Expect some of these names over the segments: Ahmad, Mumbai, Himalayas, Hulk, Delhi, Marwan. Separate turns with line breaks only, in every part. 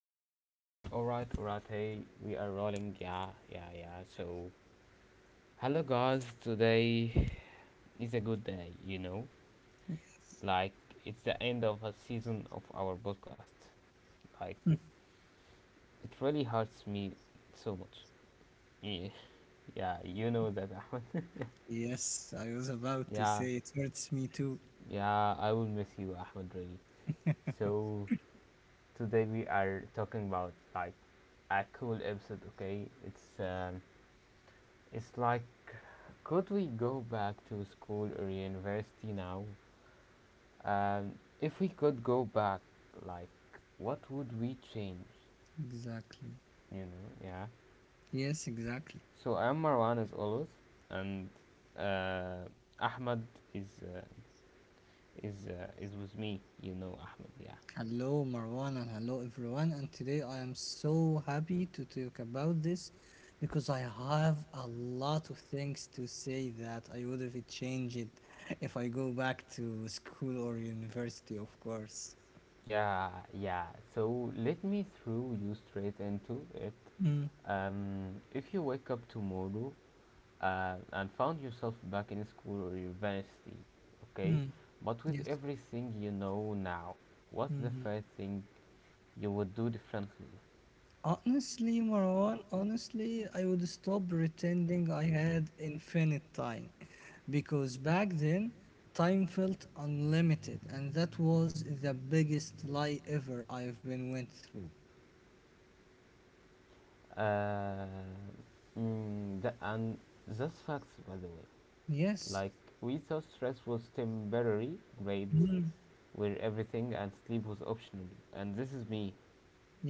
Alright, Hey, we are rolling, yeah, yeah, yeah. So, hello guys, today is a good day, like it's the end of a season of our podcast. Like, it really hurts me so much. Yeah, yeah, you know that, Ahmed.
Yes, I was about to
Yeah,
say it hurts me too.
yeah, I will miss you, Ahmed, really. So, today we are talking about like a cool episode, okay? It's like could we go back to school or university now? Um, if we could go back, like, what would we change?
Exactly.
You know, yeah.
Yes, exactly.
So I'm Marwan as always, and uh, Ahmad is uh, is with me. You know, Ahmed. Yeah,
Hello, Marwan, and hello, everyone. And today I am so happy to talk about this because I have a lot of things to say that I would have changed it if I go back to school or university, of course.
yeah, yeah. So let me throw you straight into it.
Mm,
If you wake up tomorrow and found yourself back in school or university, okay?
mm,
But with
yes.
everything you know now, what's the first thing you would do differently?
Honestly, Marwan, honestly, I would stop pretending I had infinite time because back then time felt unlimited, and that was the biggest lie ever I've been went through.
Uh, and that's facts, by the way.
Yes.
Like, we thought stress was temporary, grades
Mm.
were everything, and sleep was optional. And this is me,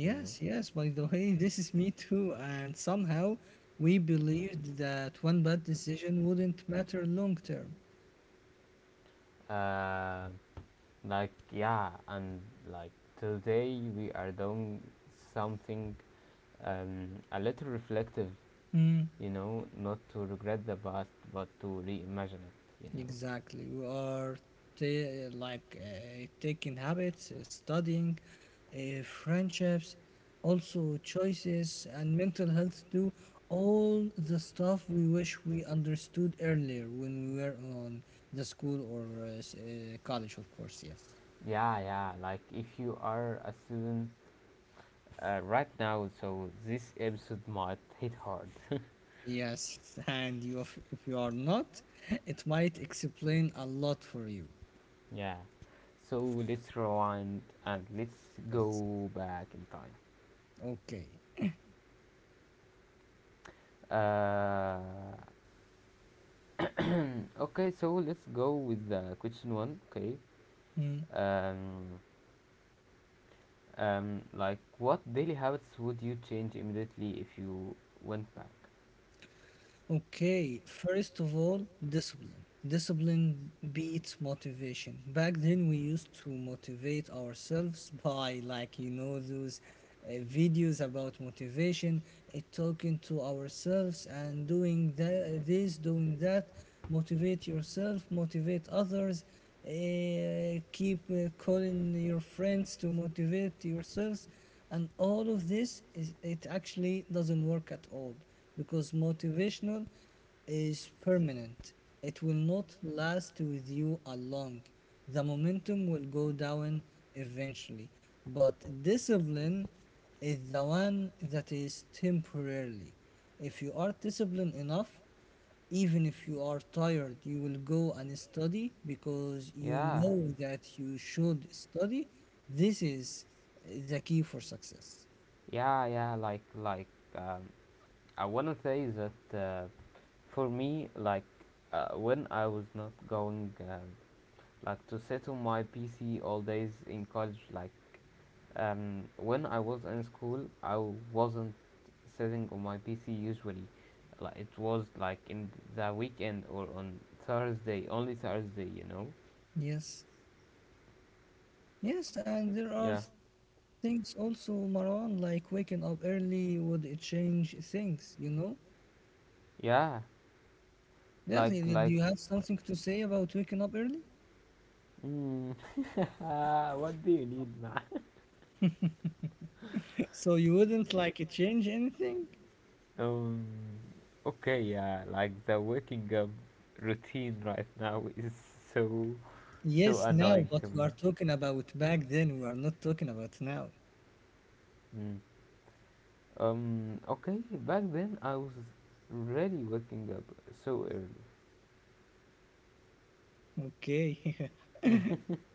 you know?
yes. By the way, this is me too. And somehow we believed that one bad decision wouldn't matter long term.
Um, Like yeah, and like today we are doing something a little reflective, you know, not to regret the past but to reimagine it, you know.
Exactly. We are taking habits, studying, friendships, also choices and mental health too. All the stuff we wish we understood earlier when we were on the school or college, of course. Yes.
Yeah, yeah. Like if you are a student right now, so this episode might hit hard.
Yes, and you, if you are not, it might explain a lot for you.
Yeah. So let's rewind and let's
Yes.
go back in time.
Okay.
Uh, okay, so let's go with the question one. Okay. Um, like, what daily habits would you change immediately if you went back?
Okay, first of all, discipline. Discipline beats motivation. Back then, we used to motivate ourselves by, like, you know, those videos about motivation, talking to ourselves and doing that, this, doing that. Motivate yourself, motivate others, keep calling your friends to motivate yourselves. And all of this, is, it actually doesn't work at all because motivational is permanent. It will not last with you along. The momentum will go down eventually. But discipline is the one that is temporarily. If you are disciplined enough, even if you are tired, you will go and study because you
Yeah,
know that you should study. This is the key for success.
yeah, yeah. Like, like, um, I wanna say that for me, like, when I was not going, like, to sit on my PC all days in college, like. When I was in school, I wasn't sitting on my PC usually. Like it was like in the weekend or on Thursday, only Thursday, you know.
Yes. Yes, and there are
Yeah,
things also, Marwan, like waking up early would it change things, you know?
yeah.
Yes,
Like
did
like.
you have something to say about waking up early?
Mm, ah, what do you need, man?
So you wouldn't like it change anything?
Um, okay, yeah, like the waking up routine right now is so, so
Yes, now,
annoying
but
to
we
me.
are talking about back then, we are not talking about now.
Mm. Okay, back then I was really waking up so early.
Okay,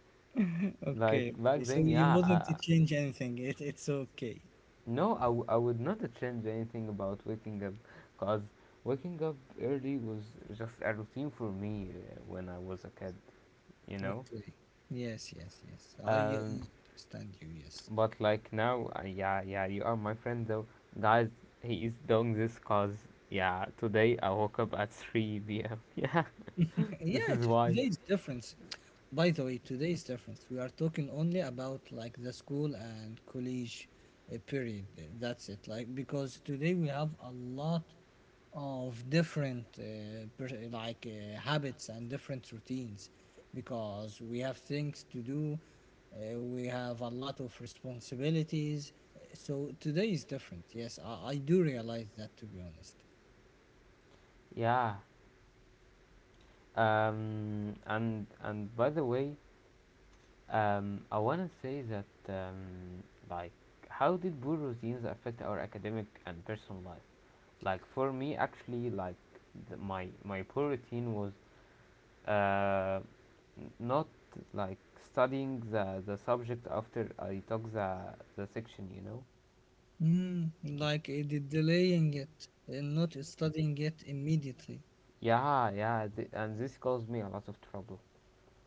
Like
okay,
back
okay. So
then,
you
yeah.
wouldn't change anything, it's okay.
No, I would not change anything about waking up because waking up early was just a routine for me when I was a kid, you know?
Okay, yes, yes, yes. I
Um,
understand you, yes.
but like now, yeah, yeah, you are my friend though. Guys, he is doing this because, yeah, today I woke up at 3 p.m. Yeah, this
Yeah,
is why.
today's difference. By the way, today's difference. We are talking only about like the school and college period. That's it. Like because today we have a lot of different habits and different routines because we have things to do. We have a lot of responsibilities. So today is different. Yes, I do realize that to be honest.
Yeah. And by the way, I want to say that, like, how did poor routines affect our academic and personal life? Like, for me, actually, like, my poor routine was uh, not like studying the subject after I took the section, you know?
Mm, like it is delaying it and not studying it immediately.
And this caused me a lot of trouble.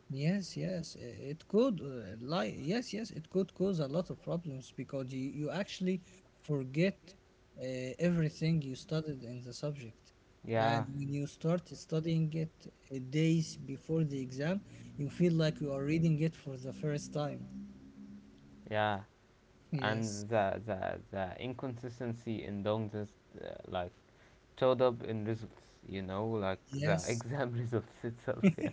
Yes, yes, it could yes, yes, it could cause a lot of problems because you actually forget uh, everything you studied in the subject. And
Yeah.
when you start studying it days before the exam, you feel like you are reading it for the first time.
Yeah,
Yes,
and the inconsistency in doing this, like showed up in results, you know, like the
yes.
exam results itself. Yeah.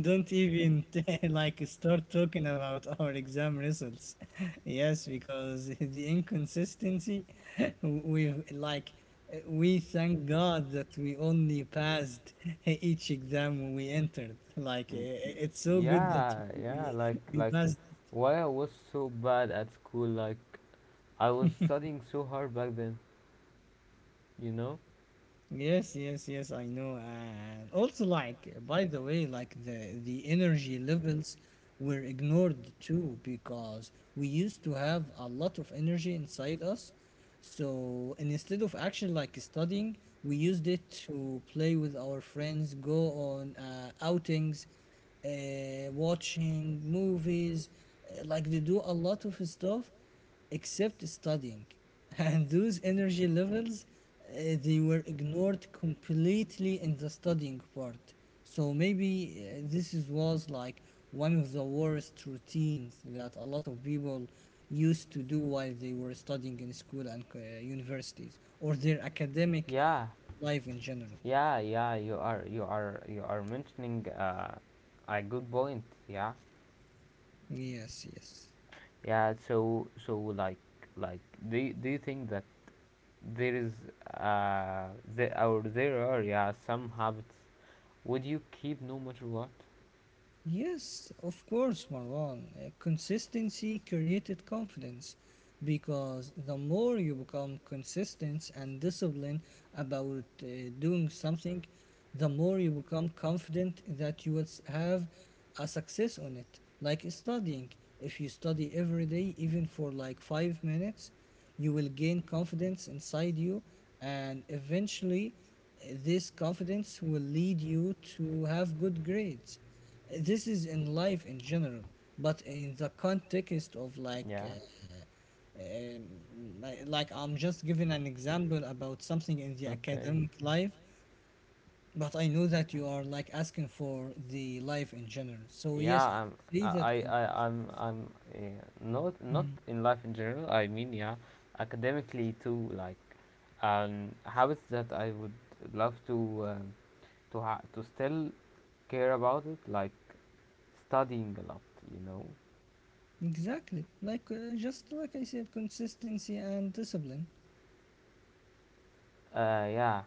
Don't even like start talking about our exam results. Yes, because the inconsistency, we like we thank God that we only passed each exam we entered. Like
Mm,
it's so good that
Yeah,
we
yeah,
we
like
we
like
passed.
why I was so bad at school, like I was studying so hard back then, you know?
Yes, yes, yes, I know. And also like by the way, like the energy levels were ignored too because we used to have a lot of energy inside us. So and instead of actually like studying, we used it to play with our friends, go on outings, watching movies, like they do a lot of stuff except studying. And those energy levels, they were ignored completely in the studying part. So maybe this is, was like one of the worst routines that a lot of people used to do while they were studying in school and universities or their academic
Yeah.
life in general.
Yeah, yeah, you are mentioning a good point. Yeah.
Yes, yes.
Yeah, so so like do you think that there is uh there are, yeah, some habits would you keep no matter what?
Yes, of course, Marwan. Consistency created confidence because the more you become consistent and disciplined about doing something, the more you become confident that you will s- have a success on it. Like studying, if you study every day, even for like 5 minutes, you will gain confidence inside you, and eventually, this confidence will lead you to have good grades. This is in life in general, but in the context of like
Yeah,
uh, um, I'm just giving an example about something in the
okay,
academic life, but I know that you are like asking for the life in general, so
yeah
yes,
I'm
I see that.
I- I'm not not in life in general, I mean, yeah, academically too, like habits that I would love to, to still care about it, like studying a lot, you know.
Exactly, like just like I said, consistency and discipline.
Yeah.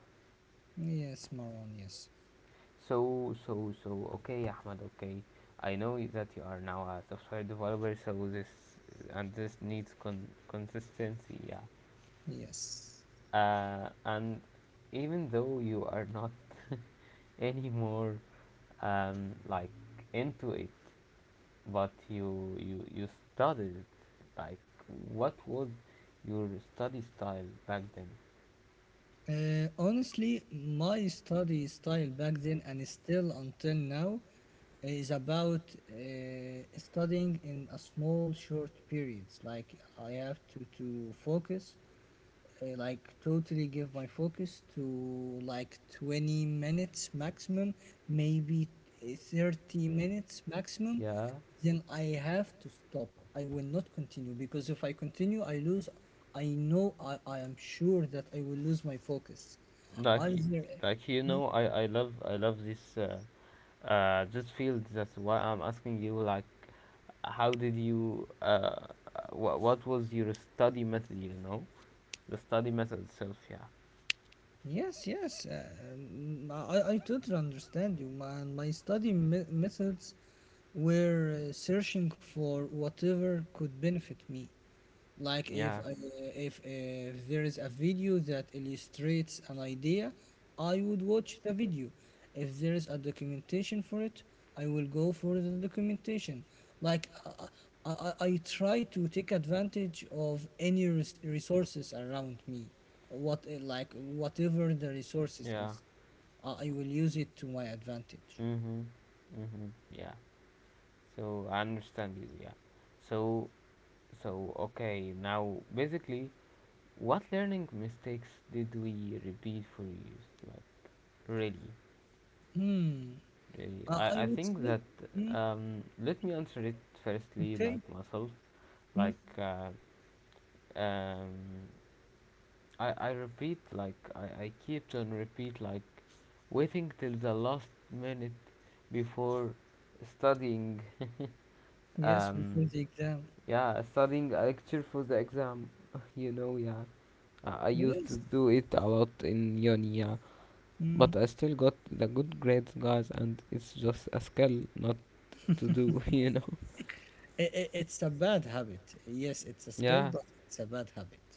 Yes, Maron, yes.
So, okay, Ahmed. Okay, I know that you are now a software developer. So this and this needs consistency. Yeah.
Yes.
And even though you are not anymore like into it, but you studied it. Like what was your study style back then?
Honestly, my study style back then and still until now is about studying in a small short periods. Like I have to focus. I like totally give my focus to like 20 minutes maximum, maybe 30 minutes maximum,
Yeah,
then I have to stop. I will not continue because if I continue, I lose. I know I am sure that I will lose my focus.
like y-
Either...
like you know, I love this this field. That's why I'm asking you, like, how did you what was your study method? You know, the study method itself. Yeah,
yes, yes. I totally understand you, man. My methods were searching for whatever could benefit me. Like if
yeah.
I, if there is a video that illustrates an idea, I would watch the video. If there is a documentation for it, I will go for the documentation. Like I, I, I try to take advantage of any resources around me, whatever the resources
Yeah.
is, I will use it to my advantage.
Mm-hmm. Mm-hmm. Yeah. So I understand you. Yeah. So, so, okay. Now basically, what learning mistakes did we repeat for years? Like really,
Hmm.
really.
I
I
would
think
say...
that
mm,
Let me answer it firstly,
okay.
like myself.
Hmm.
Like uh, um. I repeat, like I keep on repeat, like waiting till the last minute before studying,
Yes, before
um
the exam.
yeah, studying a lecture for the exam, you know. Yeah, I used to
Yes.
do it a lot in uni, yeah,
Hmm.
but I still got the good grades, guys, and it's just a skill not to do, you know.
It's a bad habit. Yes, it's a skill,
Yeah,
but it's a bad habit.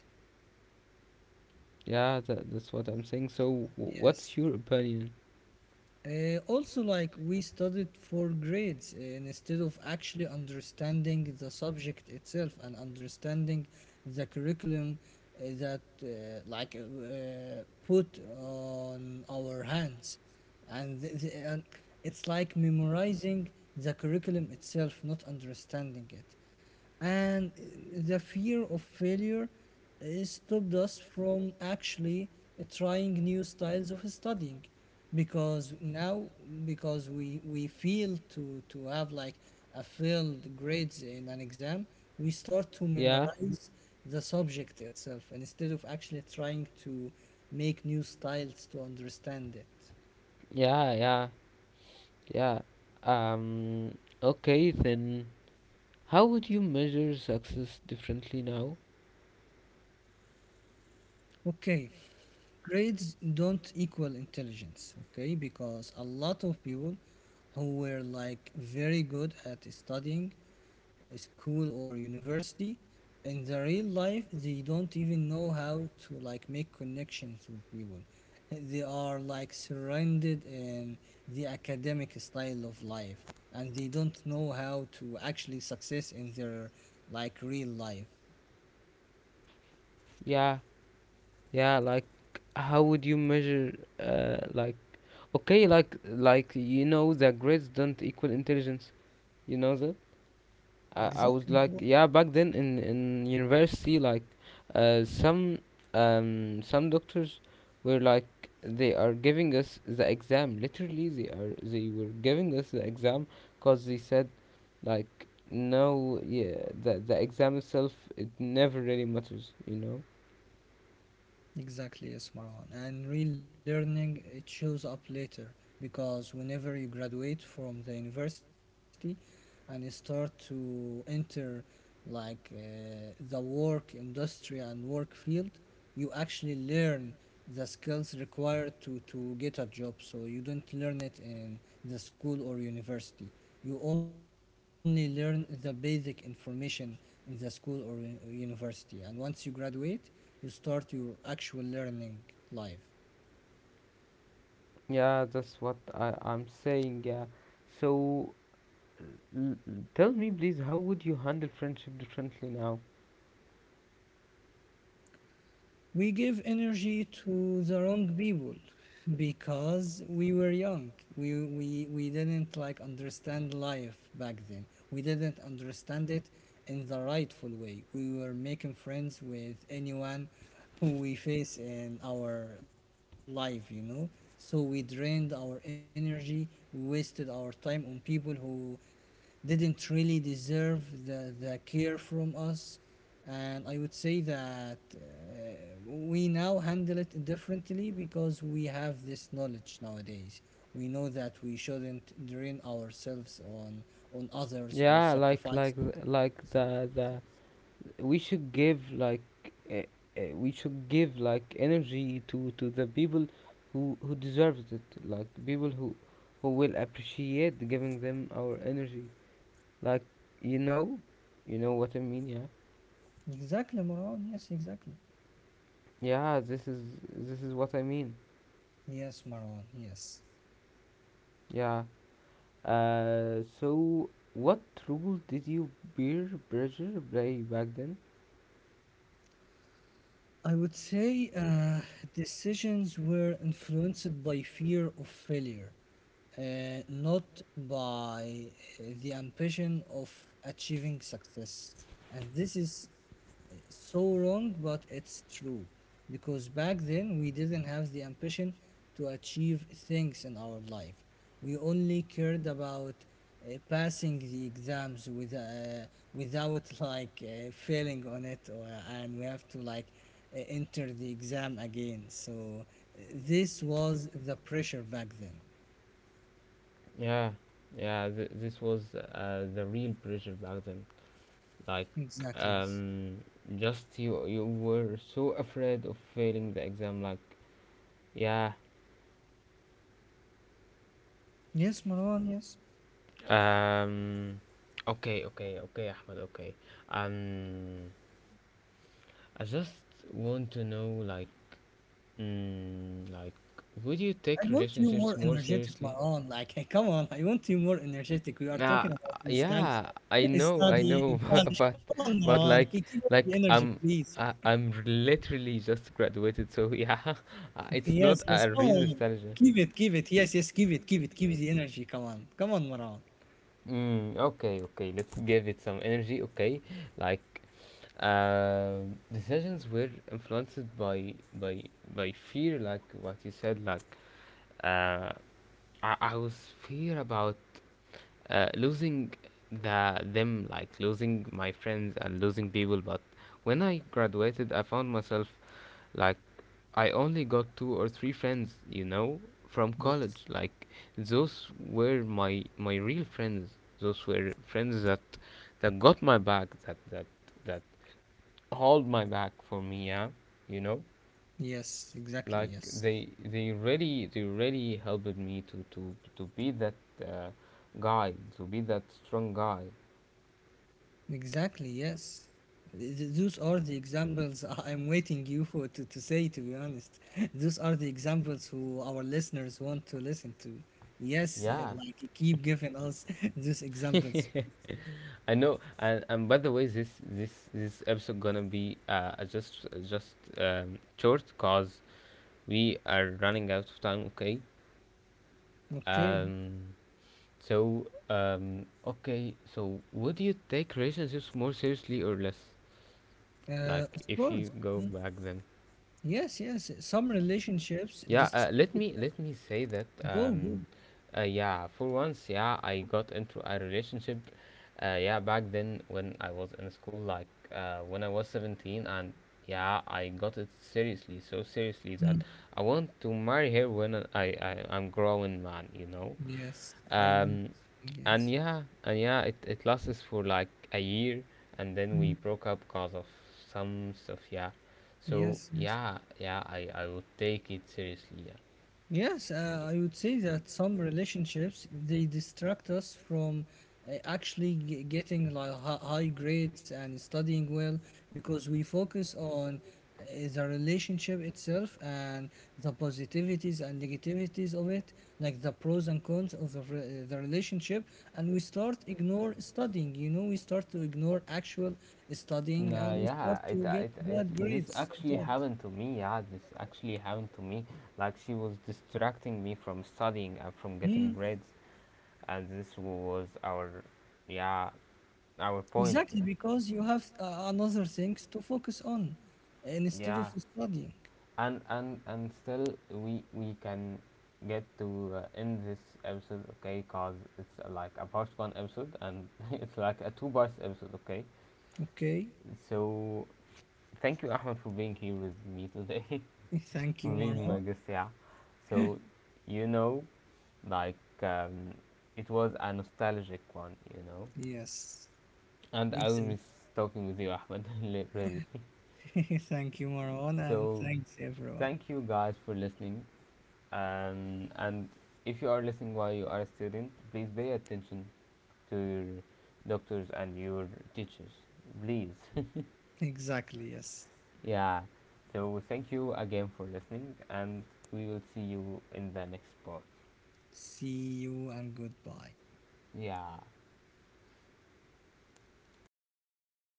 yeah, that, that's what I'm saying. So
Yes.
what's your opinion?
Also, like we studied for grades instead of actually understanding the subject itself and understanding the curriculum that put on our hands, and it's like memorizing the curriculum itself, not understanding it, and the fear of failure stopped us from actually trying new styles of studying. Because now, because we feel to have like a failed grades
Like,
in an exam, we start to
yeah,
memorize the subject itself instead of actually trying to make new styles to understand it.
yeah, yeah, yeah. Um, okay, then how would you measure success differently now?
Okay, grades don't equal intelligence. Okay, because a lot of people who were like very good at studying school or university, in the real life they don't even know how to like make connections with people. They are like surrounded in the academic style of life, and they don't know how to actually success in their like real life.
Yeah, yeah, like how would you measure, like, okay, like, you know, the grades don't equal intelligence, you know that? I was
Exactly.
like, yeah, back then in university, like uh, some some doctors were like they are giving us the exam, literally they are, they were giving us the exam, cause they said like, no, yeah, the exam itself, it never really matters, you know.
Exactly, yes, Marwan. And relearning it shows up later because whenever you graduate from the university and you start to enter like the work industry and work field, you actually learn the skills required to get a job. So you don't learn it in the school or university. You only learn the basic information in the school or university. And once you graduate, you start your actual learning life.
Yeah, that's what I'm saying, yeah. So, l- l- tell me, please, how would you handle friendship differently now?
We give energy to the wrong people because we were young. We didn't like understand life back then. We didn't understand it in the rightful way. We were making friends with anyone who we face in our life, you know. So we drained our energy, we wasted our time on people who didn't really deserve the care from us. And I would say that we now handle it differently because we have this knowledge nowadays. We know that we shouldn't drain ourselves on others or
Yeah,
sacrifice
like
ourselves.
the We should give like uh, we should give like energy to the people who deserves it, like people who will appreciate giving them our energy. Like, you know, you know what I mean, yeah.
Exactly, Marwan, yes, exactly.
Yeah, this is what I mean.
Yes, Marwan, yes.
Yeah. So what role did you beer pressure play back then?
I would say decisions were influenced by fear of failure, not by the ambition of achieving success. And this is so wrong, but it's true. Because back then, we didn't have the ambition to achieve things in our life. We only cared about passing the exams without like failing on it, or, and we have to like enter the exam again. So, this was the pressure back then.
Yeah, yeah. This was the real pressure back then. Like,
Exactly.
um, just you, you were so afraid of failing the exam. Like, yeah.
Yes, Marwan, yes.
Um. Okay, okay, okay, Ahmed. Okay. Um. I just want to know, like, like, would you
I
take
want you
relationships
more
more
energetic,
seriously?
Maran. Like, come on, I want you more energetic. We are
Nah,
talking about
yeah,
nostalgia,
I
studying,
know, but
college.
but,
Come on,
but
Maran.
like
Keep up the
like
energy,
I'm
please.
I'm literally just graduated, so yeah, it's not
Yes, yes,
a
come
real
on.
nostalgia.
Keep it. Yes, yes, give it the energy. Come on, Maran.
Okay, okay, let's give it some energy. Okay, like uh, decisions were influenced by fear, like what you said. Like uh, I was fear about losing the them, like losing my friends and losing people. But when I graduated, I found myself like I only got two or three friends, you know, from college.
Yes,
Like those were my my real friends. Those were friends that that got my back, that hold my back for me. Yeah, you know,
yes, exactly,
like
yes.
they really helped me to be that uh, guy, to be that strong guy.
Exactly, yes. Those are the examples I- I'm waiting you to say, to be honest. Those are the examples who our listeners want to listen to. Yes,
Yeah.
like keep giving us these examples.
I know, and by the way, this episode gonna be just short, cause we are running out of time, okay?
Okay,
Um, okay, so would you take relationships more seriously or less? Like,
of
if you
course.
go
Mm.
back then?
Yes, yes. Some relationships
Yeah,
just
let me say that.
go, go.
Yeah, for once, yeah, I got into a relationship. Yeah, back then when I was in school, like when I was 17, and yeah, I got it seriously, so seriously that
Mm.
I want to marry her when I'm growing man, you know.
Yes, I know.
um, and
Yes.
yeah, and yeah, it lasted for like a year, and then we
Mm.
broke up because of some stuff. Yeah, so
Yes, yes.
yeah, yeah, I would take it seriously. Yeah.
Yes, I would say that some relationships they distract us from actually getting like high grades and studying well, because we focus on uh, the relationship itself and the positivities and negativities of it, like the pros and cons of the relationship, and we start ignore studying. You know, we start to ignore actual studying
Nah,
and we start
yeah,
to get bad
this
grades
actually
sometimes.
happened to me. Yeah, this actually happened to me. Like, she was distracting me from studying and from
Hmm?
getting grades, and this was our, yeah, our point. Yeah.
Exactly,
Exactly,
because you have
because
another things to focus on
you have
instead
other
of
things to
studying.
focus on. Yeah. And still we can get to end this episode, okay? Cause it's like a part one episode and it's like a two parts episode, okay?
Okay.
So thank you, Ahmed, for being here with me today,
Thank you,
for being
Marwan.
my guest. Yeah. So you know, like it was a nostalgic one, you know.
Yes,
And I will
exactly.
miss talking with you, Ahmed. Really.
Thank you, Marwan, and
So
thanks everyone.
thank you guys for listening. And if you are listening while you are a student, please pay attention to your doctors and your teachers. Please.
Exactly, yes.
Yeah. So thank you again for listening, and we will see you in the next part.
See you and goodbye.
Yeah. Uh,